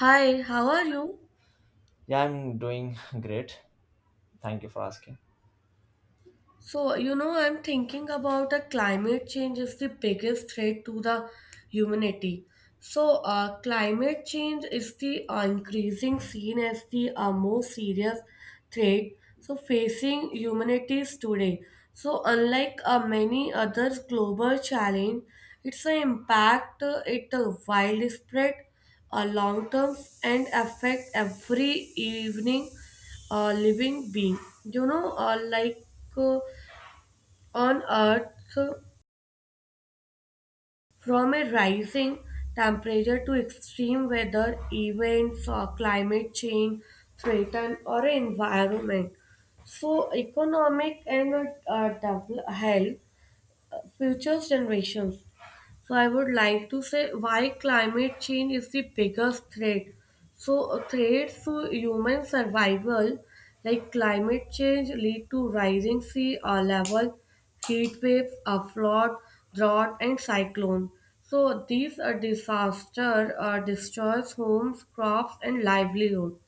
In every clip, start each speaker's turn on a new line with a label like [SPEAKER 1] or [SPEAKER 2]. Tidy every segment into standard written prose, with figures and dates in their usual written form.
[SPEAKER 1] Hi, how are you?
[SPEAKER 2] Yeah, I'm doing great. Thank you for asking.
[SPEAKER 1] So, I'm thinking about the climate change is the biggest threat to the humanity. So, climate change is the increasing seen as the most serious threat so facing humanities today. So, unlike many other global challenge, its impact it widespread long term and affect every evening living being. You know, like uh, on Earth, from a rising temperature to extreme weather events or climate change threaten our environment. So, economic and develop, health, future generations. So I would like to say why climate change is the biggest threat. So threats to human survival like climate change lead to rising sea level, heat waves, a flood, drought and cyclone. So these are disaster destroys homes, crops and livelihood.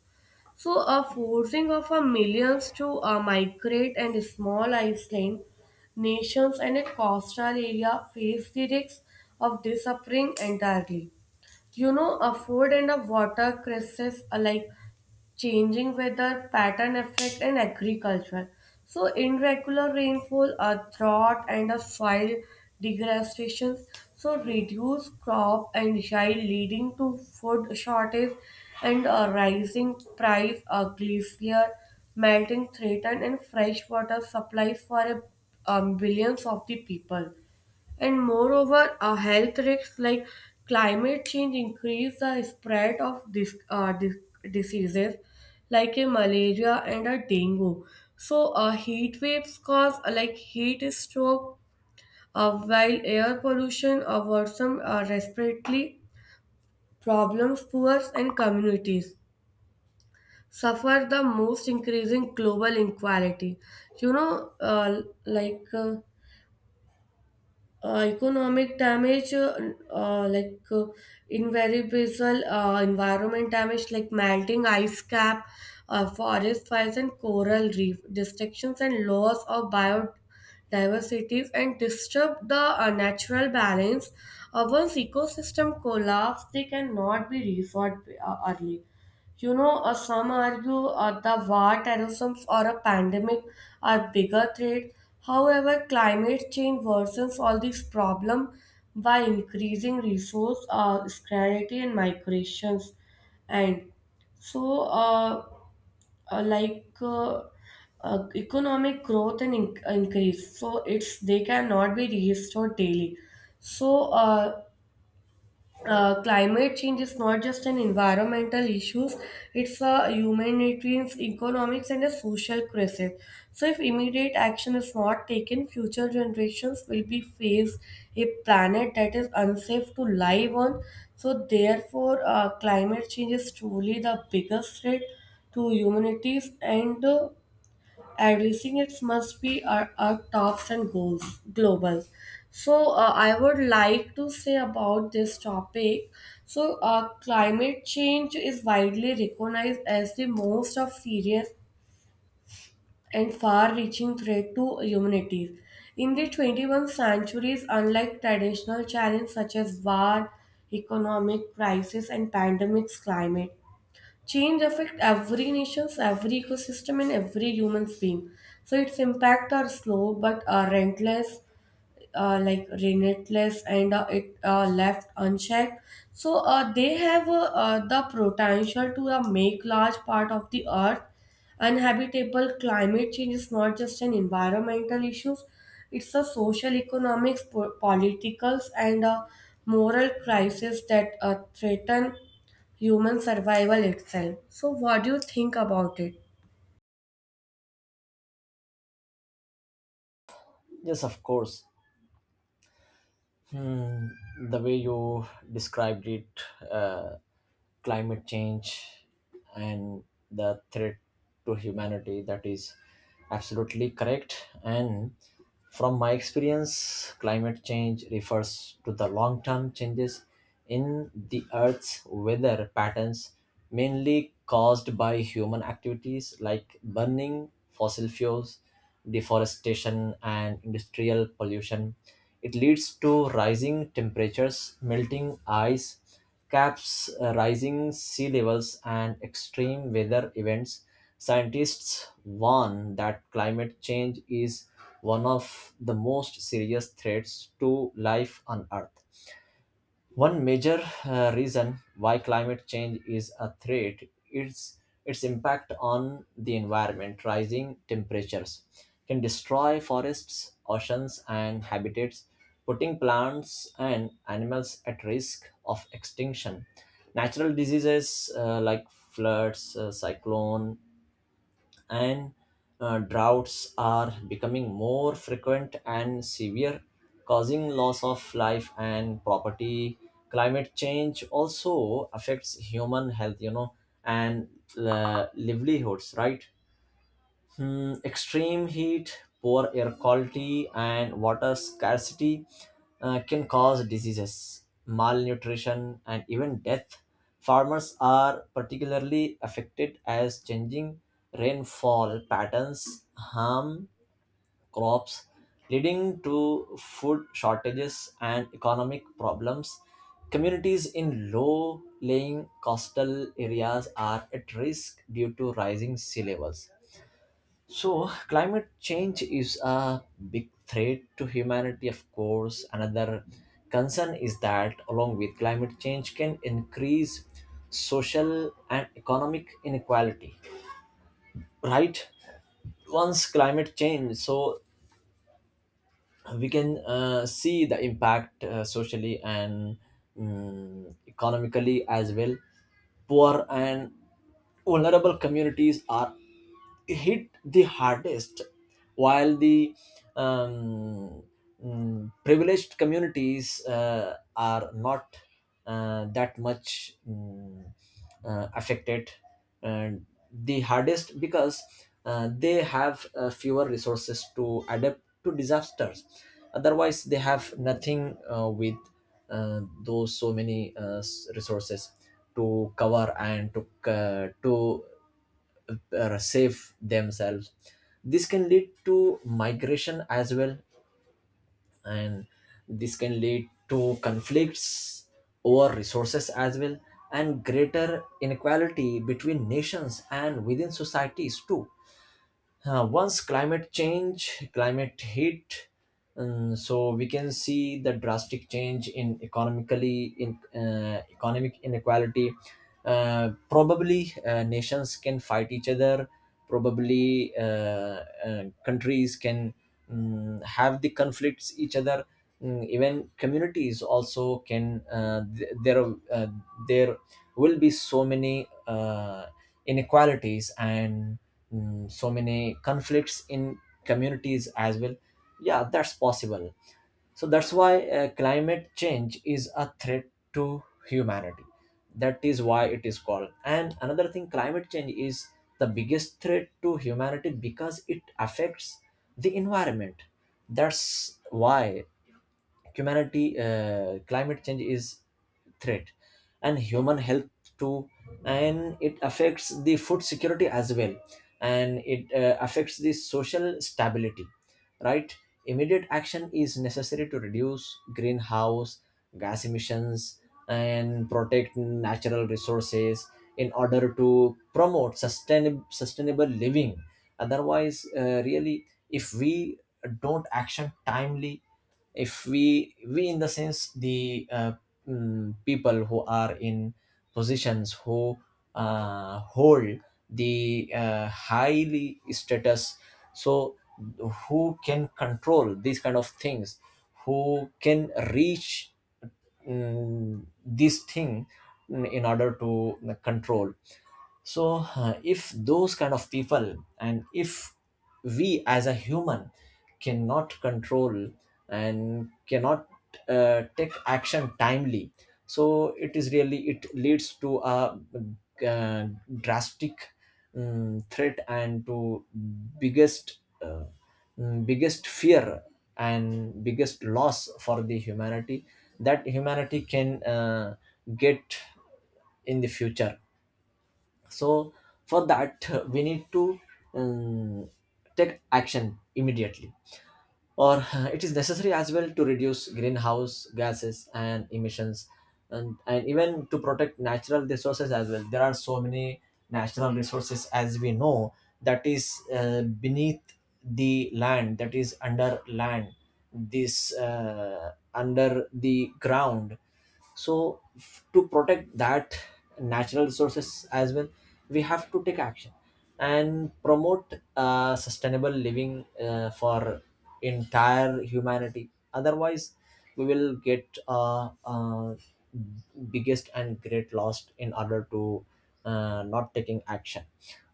[SPEAKER 1] So, a forcing of a millions to migrate and small island nations and a coastal area face the risks of disappearing entirely. You know, a food and a water crisis alike, changing weather pattern effect and agriculture. So irregular rainfall, a drought and a soil degradation. So reduced crop and yield leading to food shortage and a rising price, a glacier melting threaten and fresh water supplies for a, billions of the people. And moreover, health risks like climate change increase the spread of this, diseases like a malaria and a dengue. So, heat waves cause like heat stroke, while air pollution worsen respiratory problems, poor and communities suffer the most increasing global inequality. You know, uh, like. Uh, economic damage uh, like uh, invariable environment damage like melting ice cap forest fires and coral reef destructions and loss of biodiversity and disturb the natural balance once ecosystem collapse they cannot be restored early. You know, some argue the war, terrorism, or a pandemic are bigger threats. However, climate change worsens all these problems by increasing resource scarcity and migrations. And so, uh, like uh, economic growth and increase, so it's they cannot be restored daily. So, climate change is not just an environmental issues, it's a humanitarian economics and a social crisis. So if immediate action is not taken, future generations will be faced a planet that is unsafe to live on. So therefore, climate change is truly the biggest threat to humanities and addressing it must be our tops and goals global. So I would like to say about this topic. So climate change is widely recognized as the most of serious and far-reaching threat to humanity in the 21st centuries. Unlike traditional challenges such as war, economic crisis and pandemics, climate change affects every nation's, every ecosystem and every human's being. So its impact are slow but are relentless, relentless, and it left unchecked. So the potential to make large part of the earth uninhabitable. Climate change is not just an environmental issue; it's a social, economics, politicals, and moral crisis that threaten human survival itself. So, what do you think about it?
[SPEAKER 2] Yes, of course. Hmm, the way you described it, uh, climate change and the threat to humanity that is absolutely correct, and from my experience climate change refers to the long term changes in the earth's weather patterns, mainly caused by human activities like burning fossil fuels, deforestation, and industrial pollution. It leads to rising temperatures, melting ice caps, rising sea levels, and extreme weather events. Scientists warn that climate change is one of the most serious threats to life on Earth. One major reason why climate change is a threat is its impact on the environment. Rising temperatures can destroy forests, oceans, and habitats, putting plants and animals at risk of extinction. Natural diseases like floods, cyclone, and droughts are becoming more frequent and severe, causing loss of life and property. Climate change also affects human health, you know, and livelihoods, right? Hmm, extreme heat, poor air quality, and water scarcity can cause diseases, malnutrition, and even death. Farmers are particularly affected as changing rainfall patterns harm crops, leading to food shortages and economic problems. Communities in low lying coastal areas are at risk due to rising sea levels. So, climate change is a big threat to humanity, of course. Another concern is that, along with climate change, can increase social and economic inequality, right? Once climate change, so we can see the impact socially and economically as well. Poor and vulnerable communities are hit the hardest, while the um, privileged communities are not that much affected and the hardest because they have fewer resources to adapt to disasters. Otherwise they have nothing with those so many resources to cover and to c to save themselves. This can lead to migration as well, and this can lead to conflicts over resources as well, and greater inequality between nations and within societies too. Once climate change, climate heat, so we can see the drastic change in economically in economic inequality. Probably nations can fight each other. Probably countries can have the conflicts each other. Mm, even communities also can. Uh, there will be so many inequalities and so many conflicts in communities as well. Yeah, that's possible. So that's why climate change is a threat to humanity. That is why it is called, and another thing, climate change is the biggest threat to humanity because it affects the environment. That's why humanity climate change is threat and human health too, and it affects the food security as well, and it affects the social stability, right? Immediate action is necessary to reduce greenhouse gas emissions and protect natural resources in order to promote sustainable living. Otherwise really, if we don't action timely, if we in the sense the people who are in positions, who hold the highly status, so who can control these kind of things, who can reach this thing in order to control. So if those kind of people, and if we as a human cannot control and cannot take action timely, so it is really, it leads to a uh, drastic threat and to biggest biggest fear and biggest loss for the humanity that humanity can get in the future. So for that we need to um, take action immediately, or it is necessary as well to reduce greenhouse gases and emissions, and even to protect natural resources as well. There are so many natural resources, as we know, that is beneath the land, that is under land, this under the ground. So to protect that natural resources as well, we have to take action and promote sustainable living for entire humanity. Otherwise we will get biggest and great loss in order to not taking action.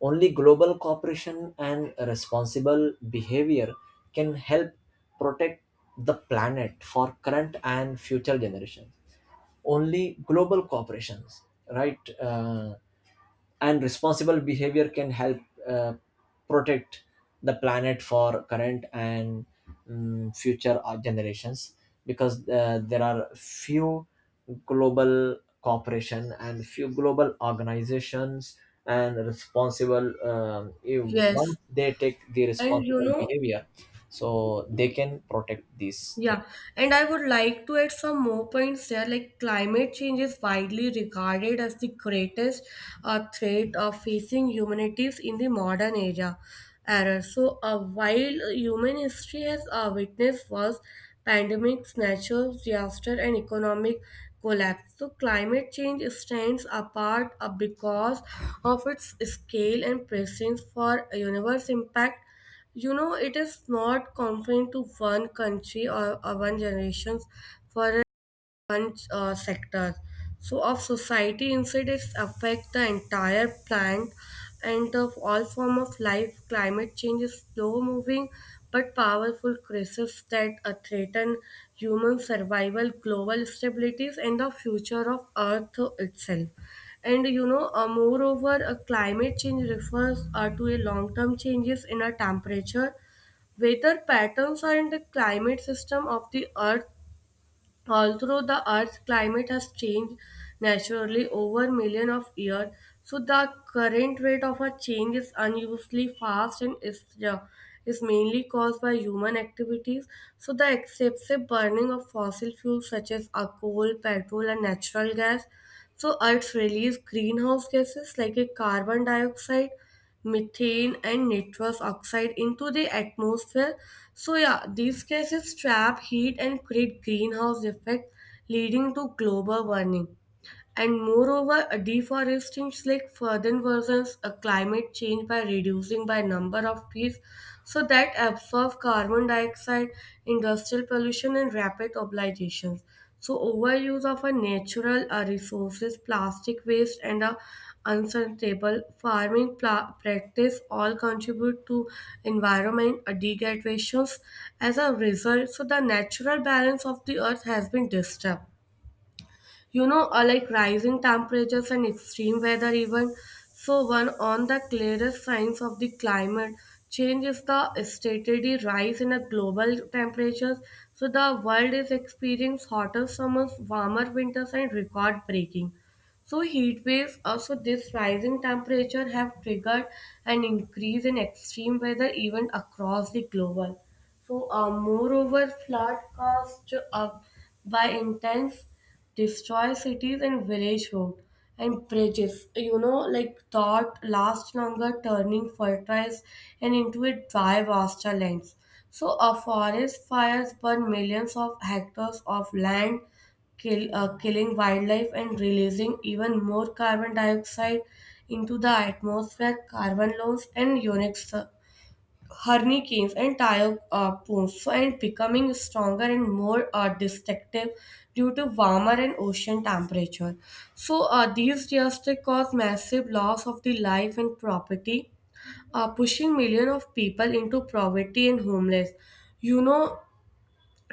[SPEAKER 2] Only global cooperation and responsible behavior can help protect the planet for current and future generations. Only global corporations, right? And responsible behavior can help uh, protect the planet for current and future generations, because there are few global corporation and few global organizations and responsible, if once
[SPEAKER 1] Yes,
[SPEAKER 2] they take the
[SPEAKER 1] and you
[SPEAKER 2] responsible
[SPEAKER 1] know,
[SPEAKER 2] behavior, so they can protect these
[SPEAKER 1] yeah,
[SPEAKER 2] things.
[SPEAKER 1] and I would like to add some more points there. Like climate change is widely regarded as the greatest threat of facing humanities in the modern era. Era. So, while human history has witnessed wars, pandemics, natural disaster, and economic collapse, so climate change stands apart because of its scale and presence for universe impact. You know, it is not confined to one country or one generation. For different sectors. So, of society incidents affect the entire plant and of all form of life. Climate change is slow-moving but powerful crisis that threaten human survival, global stabilities, and the future of Earth itself. And you know, moreover, climate change refers to a long-term changes in a temperature, weather patterns, and the climate system of the Earth. Although the Earth's climate has changed naturally over millions of years, so the current rate of a change is unusually fast and is, yeah, is mainly caused by human activities. So the excessive burning of fossil fuels such as coal, petrol, and natural gas. So Earth's release greenhouse gases like a carbon dioxide, methane and nitrous oxide into the atmosphere. So yeah, these gases trap heat and create greenhouse effect leading to global warming. And moreover, a deforestation like further worsens a climate change by reducing by number of trees so that absorb carbon dioxide, industrial pollution and rapid urbanizations. So overuse of a natural resources, plastic waste and a unsustainable farming practice all contribute to environment degradations as a result. So the natural balance of the earth has been disturbed. You know, like rising temperatures and extreme weather even, so one on the clearest signs of the climate change is the steady rise in a global temperatures. So the world is experiencing hotter summers, warmer winters and record breaking so heat waves. Also, this rising temperature have triggered an increase in extreme weather event across the global. So, moreover, flood caused by intense destroy cities and village road and bridges. You know, like thought last longer, turning fertilize and into a dry vaster lands. So a forest fires burn millions of hectares of land, killing wildlife and releasing even more carbon dioxide into the atmosphere. Carbon loans and unique hurricanes and typhoons and becoming stronger and more destructive due to warmer and ocean temperature. So these disasters cause massive loss of the life and property, pushing millions of people into poverty and homeless. You know,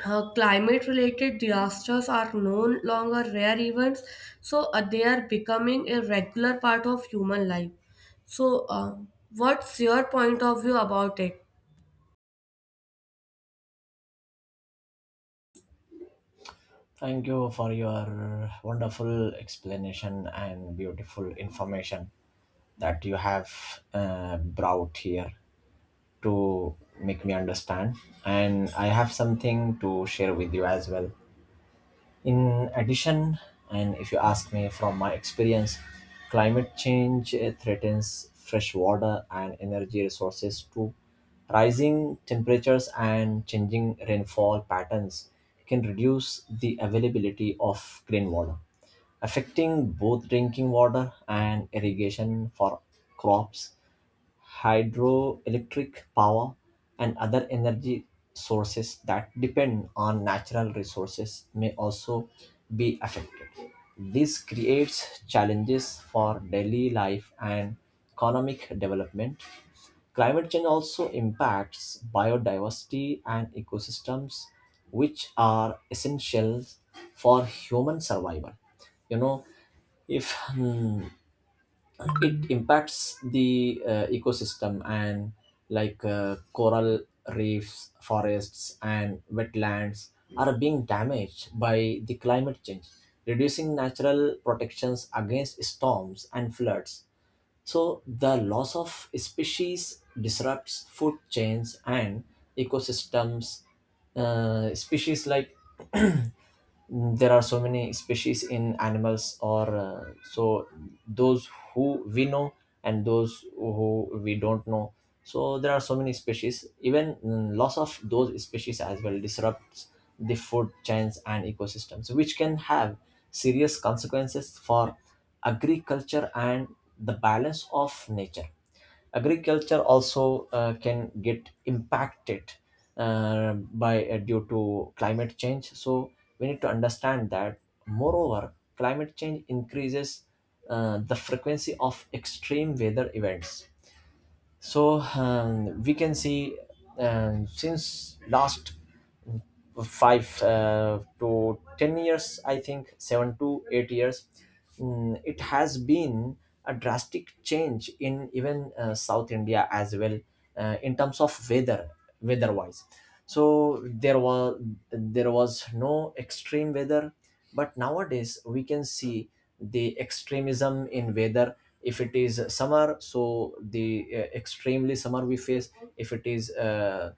[SPEAKER 1] climate related disasters are no longer rare events, so they are becoming a regular part of human life. So, what's your point of view about it?
[SPEAKER 2] Thank you for your wonderful explanation and beautiful information that you have brought here to make me understand. And I have something to share with you as well. In addition, and if you ask me, from my experience, climate change, threatens fresh water and energy resources too. Rising temperatures and changing rainfall patterns can reduce the availability of clean water, affecting both drinking water and irrigation for crops. Hydroelectric power and other energy sources that depend on natural resources may also be affected. This creates challenges for daily life and economic development. Climate change also impacts biodiversity and ecosystems, which are essential for human survival. You know, if hmm, it impacts the ecosystem, and like coral reefs, forests, and wetlands are being damaged by the climate change, reducing natural protections against storms and floods. So the loss of species disrupts food chains and ecosystems. Species like, there are so many species in animals or so, those who we know and those who we don't know, so there are so many species. Even loss of those species as well disrupts the food chains and ecosystems, which can have serious consequences for agriculture and the balance of nature. Agriculture also can get impacted by due to climate change. So we need to understand that. Moreover, climate change increases the frequency of extreme weather events. So we can see since last five to 10 years, I think 7 to 8 years, it has been a drastic change in even South India as well in terms of weather, weather-wise. So there was no extreme weather, but nowadays we can see the extremism in weather. If it is summer, so the extremely summer we face. If it is uh,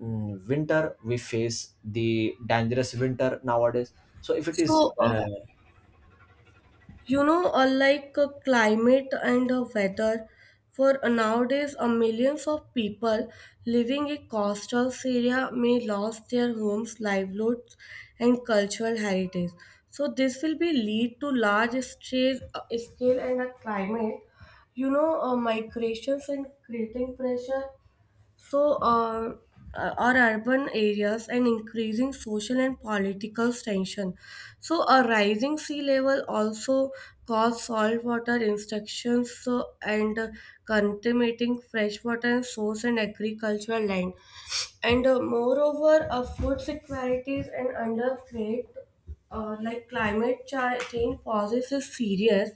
[SPEAKER 2] mm, winter, we face the dangerous winter nowadays. So if it is
[SPEAKER 1] So, climate and weather, for nowadays, millions of people living in coastal area may lose their homes, livelihoods, and cultural heritage. So, this will be lead to large stress, scale and a climate. You know, migrations and creating pressure so, our urban areas and increasing social and political tension. So, a rising sea level also cause saltwater instructions so, and contaminating freshwater source and agricultural land. And moreover, food security is and under threat like climate change poses is serious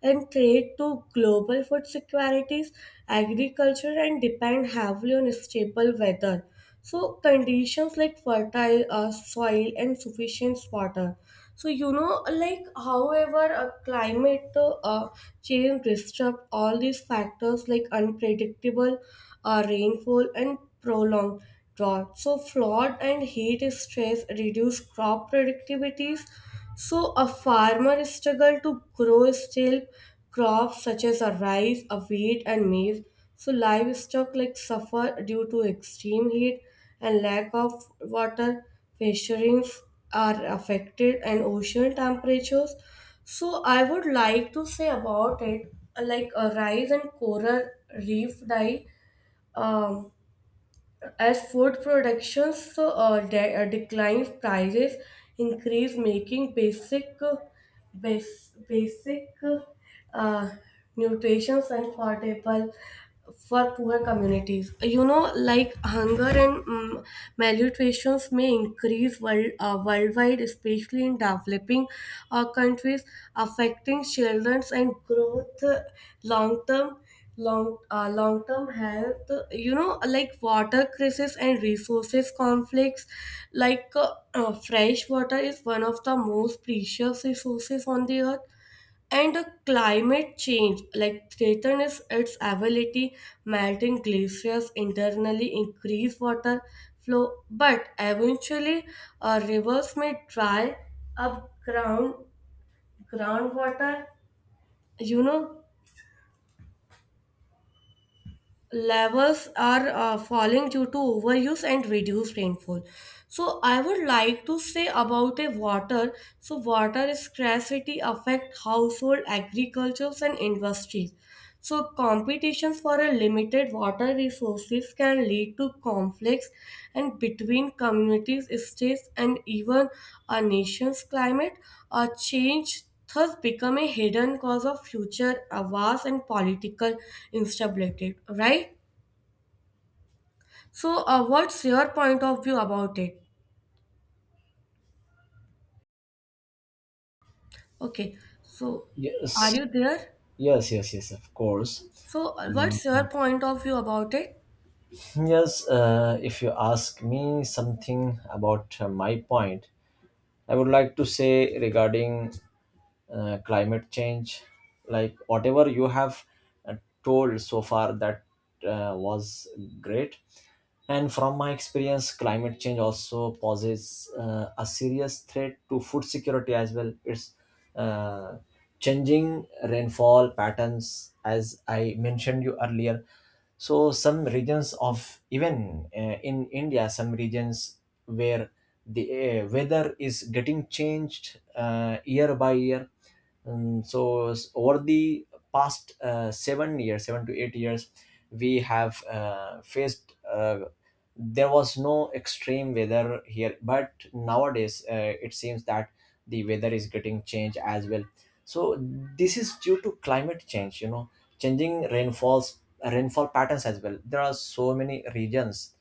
[SPEAKER 1] and threat to global food securities, agriculture, and depend heavily on stable weather. So conditions like fertile soil and sufficient water. So you know, like however, climate change disrupt all these factors like unpredictable rainfall and prolonged drought. So flood and heat stress reduce crop productivities. So a farmer struggle to grow still crops such as a rice, a wheat and maize. So livestock like suffer due to extreme heat and lack of water. Fisheries are affected and ocean temperatures. So I would like to say about it like a rise and coral reef die. Um, as food production declines, prices increase, making basic bas- basic uh, uh, nutrition affordable for poor communities. You know, like hunger and malnutrition may increase worldwide, especially in developing countries, affecting children's and growth long term long term health. You know, like water crisis and resources conflicts like fresh water is one of the most precious resources on the earth, and climate change like threaten its ability. Melting glaciers internally increase water flow, but eventually rivers may dry up. Groundwater, you know, levels are falling due to overuse and reduced rainfall. So I would like to say about a water. So water scarcity affect household agricultures and industries. So competitions for a limited water resources can lead to conflicts and between communities, states and even a nation's climate a change thus become a hidden cause of future wars and political instability, right? So what's your point of view about it? Okay, so are
[SPEAKER 2] yes,
[SPEAKER 1] you there?
[SPEAKER 2] yes, of course.
[SPEAKER 1] So what's
[SPEAKER 2] Um,
[SPEAKER 1] your point of view about it?
[SPEAKER 2] yes, if you ask me something about my point, I would like to say regarding climate change, like whatever you have uh, told so far, that was great. And from my experience, climate change also poses a serious threat to food security as well. It's uh, changing rainfall patterns, as I mentioned you earlier. So some regions of even in India, some regions where the weather is getting changed year by year. So over the past 7 years, 7 to 8 years, we have faced, there was no extreme weather here, but nowadays it seems that the weather is getting changed as well. So this is due to climate change, you know, changing rainfall patterns as well. There are so many regions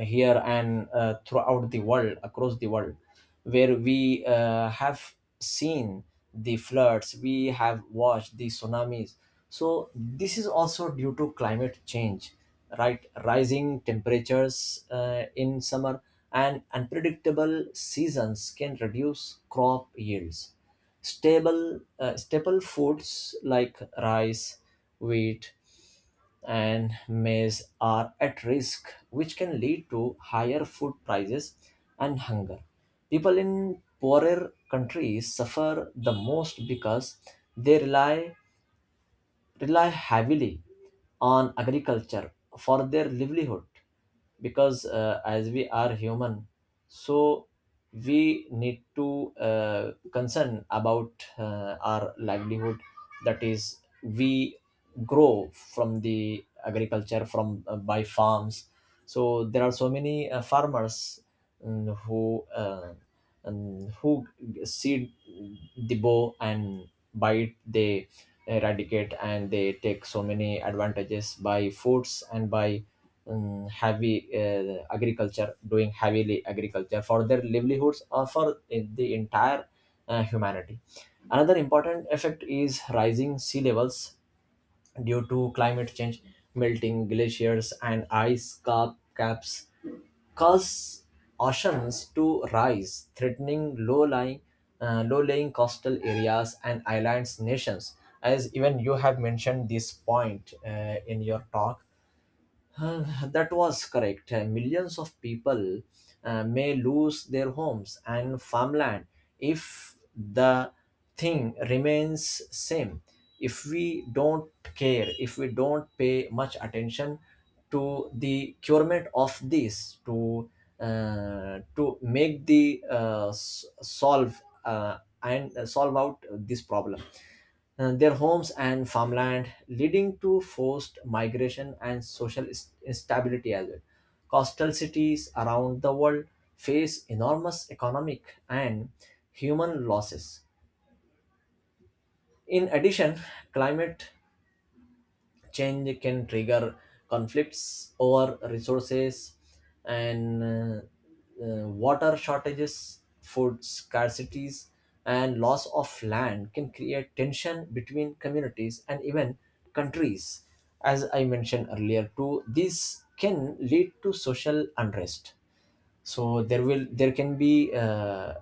[SPEAKER 2] here and throughout the world, across the world, where we have seen the floods, we have watched the tsunamis. So, this is also due to climate change, right? Rising temperatures in summer and unpredictable seasons can reduce crop yields. Staple foods like rice, wheat, and maize are at risk, which can lead to higher food prices and hunger. People in poorer countries suffer the most because they rely heavily on agriculture for their livelihood. Because as we are human, so we need to concern about our livelihood, that is we grow from the agriculture, from by farms. So there are so many farmers, mm, who uh, who see the bow, and by it they eradicate, and they take so many advantages by foods and by heavy agriculture, doing heavily agriculture for their livelihoods or for the entire humanity. Another important effect is rising sea levels. Due to climate change, melting glaciers and caps cause oceans to rise, threatening low-lying coastal areas and islands nations. As even you have mentioned this point in your talk, uh, that was correct. Millions of people may lose their homes and farmland if the thing remains same. If we don't care, if we don't pay much attention to the curement of this, to make the solve and solve out this problem their homes and farmland, leading to forced migration and social instability as well. Coastal cities around the world face enormous economic and human losses. In addition, climate change can trigger conflicts over resources and water shortages, food scarcities, and loss of land can create tension between communities and even countries. As I mentioned earlier too, this can lead to social unrest. So there can be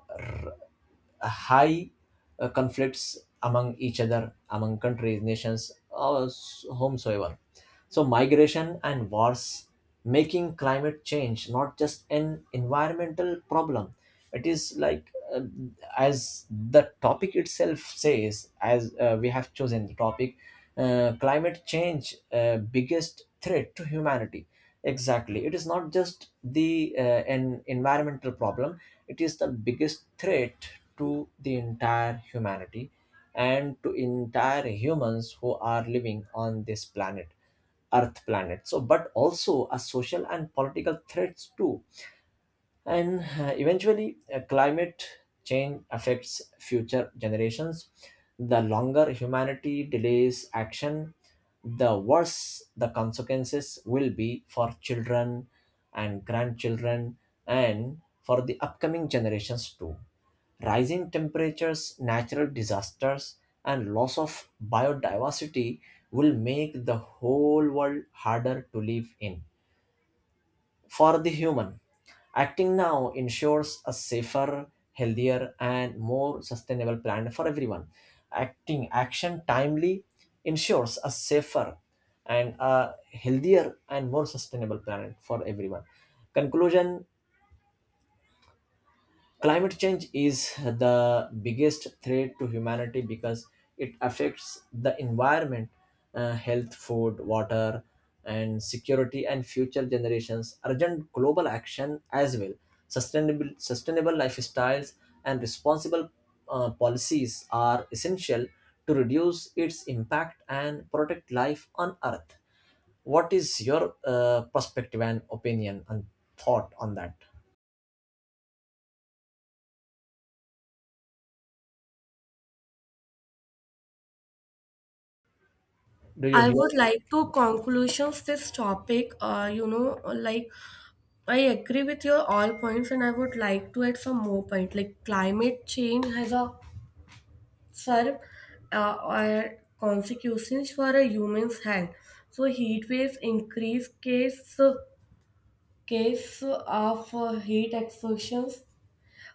[SPEAKER 2] high conflicts among each other, among countries, nations, or whomsoever. So, migration and wars, making climate change not just an environmental problem. It is like, as the topic itself says, as we have chosen the topic, climate change, biggest threat to humanity. Exactly. It is not just the an environmental problem, it is the biggest threat to the entire humanity and to entire humans who are living on this planet, Earth planet. So, but also a social and political threats too. And eventually climate change affects future generations. The longer humanity delays action, the worse the consequences will be for children and grandchildren and for the upcoming generations too. Rising temperatures, natural disasters, and loss of biodiversity will make the whole world harder to live in for the human. Acting now ensures a safer, healthier, and more sustainable planet for everyone. Acting action timely ensures a safer and a healthier and more sustainable planet for everyone. Conclusion. Climate change is the biggest threat to humanity because it affects the environment, health, food, water, and security, and future generations. Urgent global action as well. Sustainable lifestyles and responsible policies are essential to reduce its impact and protect life on Earth. What is your perspective and opinion and thought on that? Do
[SPEAKER 1] I
[SPEAKER 2] you hear
[SPEAKER 1] would
[SPEAKER 2] me?
[SPEAKER 1] like to conclusions this topic you know, like I agree with your all points, and I would like to add some more point. Like climate change has a serve are consequences for a human's health. So heat waves increase case of heat exhaustions,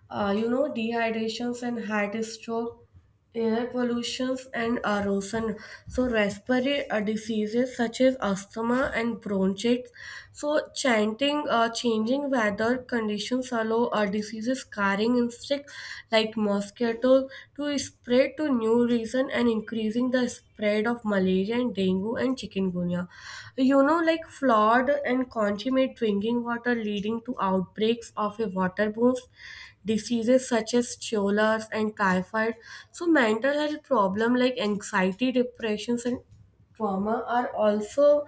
[SPEAKER 1] you know, dehydrations and heart stroke, air pollutions and erosion. So respiratory diseases such as asthma and bronchitis. So changing weather conditions allow diseases carrying insects like mosquitoes to spread to new region and increase increasing the spread of malaria and dengue and chikungunya. You know, like flawed and consummate drinking water leading to outbreaks of a waterborne diseases such as cholas and typhoid. So mental health problem like anxiety, depressions, and trauma are also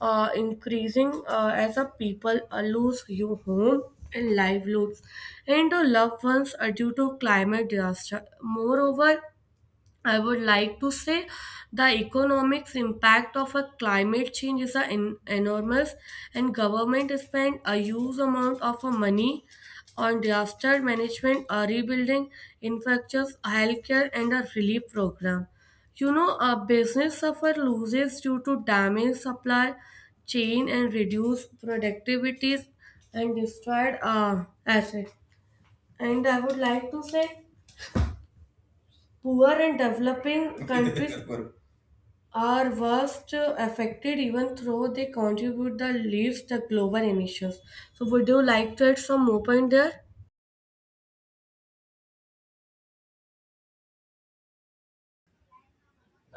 [SPEAKER 1] increasing as a people lose your home and livelihoods and the loved ones are due to climate disaster. Moreover, I would like to say the economics impact of a climate change is a enormous, and government spend a huge amount of a money on disaster management, rebuilding infrastructures, healthcare, and a relief program. You know, a business suffer losses due to damage supply chain and reduced productivities and destroyed assets. And I would like to say, poor and developing countries are worst affected even though they contribute the least the global emissions. So would you like to add some more point there?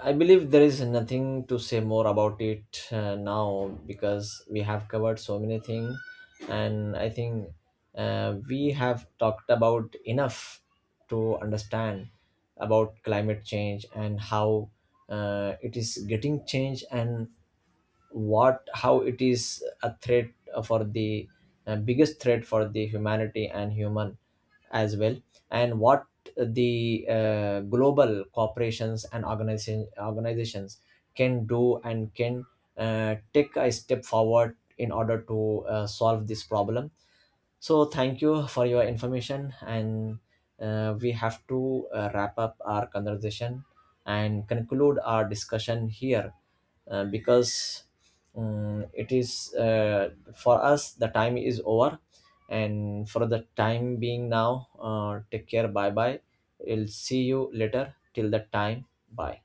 [SPEAKER 2] I believe there is nothing to say more about it now, because we have covered so many things, and I think we have talked about enough to understand about climate change, and how it is getting changed, and what how it is a threat for the biggest threat for the humanity and human as well, and what the global corporations and organizations can do and can take a step forward in order to solve this problem. So thank you for your information, and we have to wrap up our conversation and conclude our discussion here because it is for us the time is over, and for the time being now, take care. Bye bye. We'll see you later. Till that time, bye.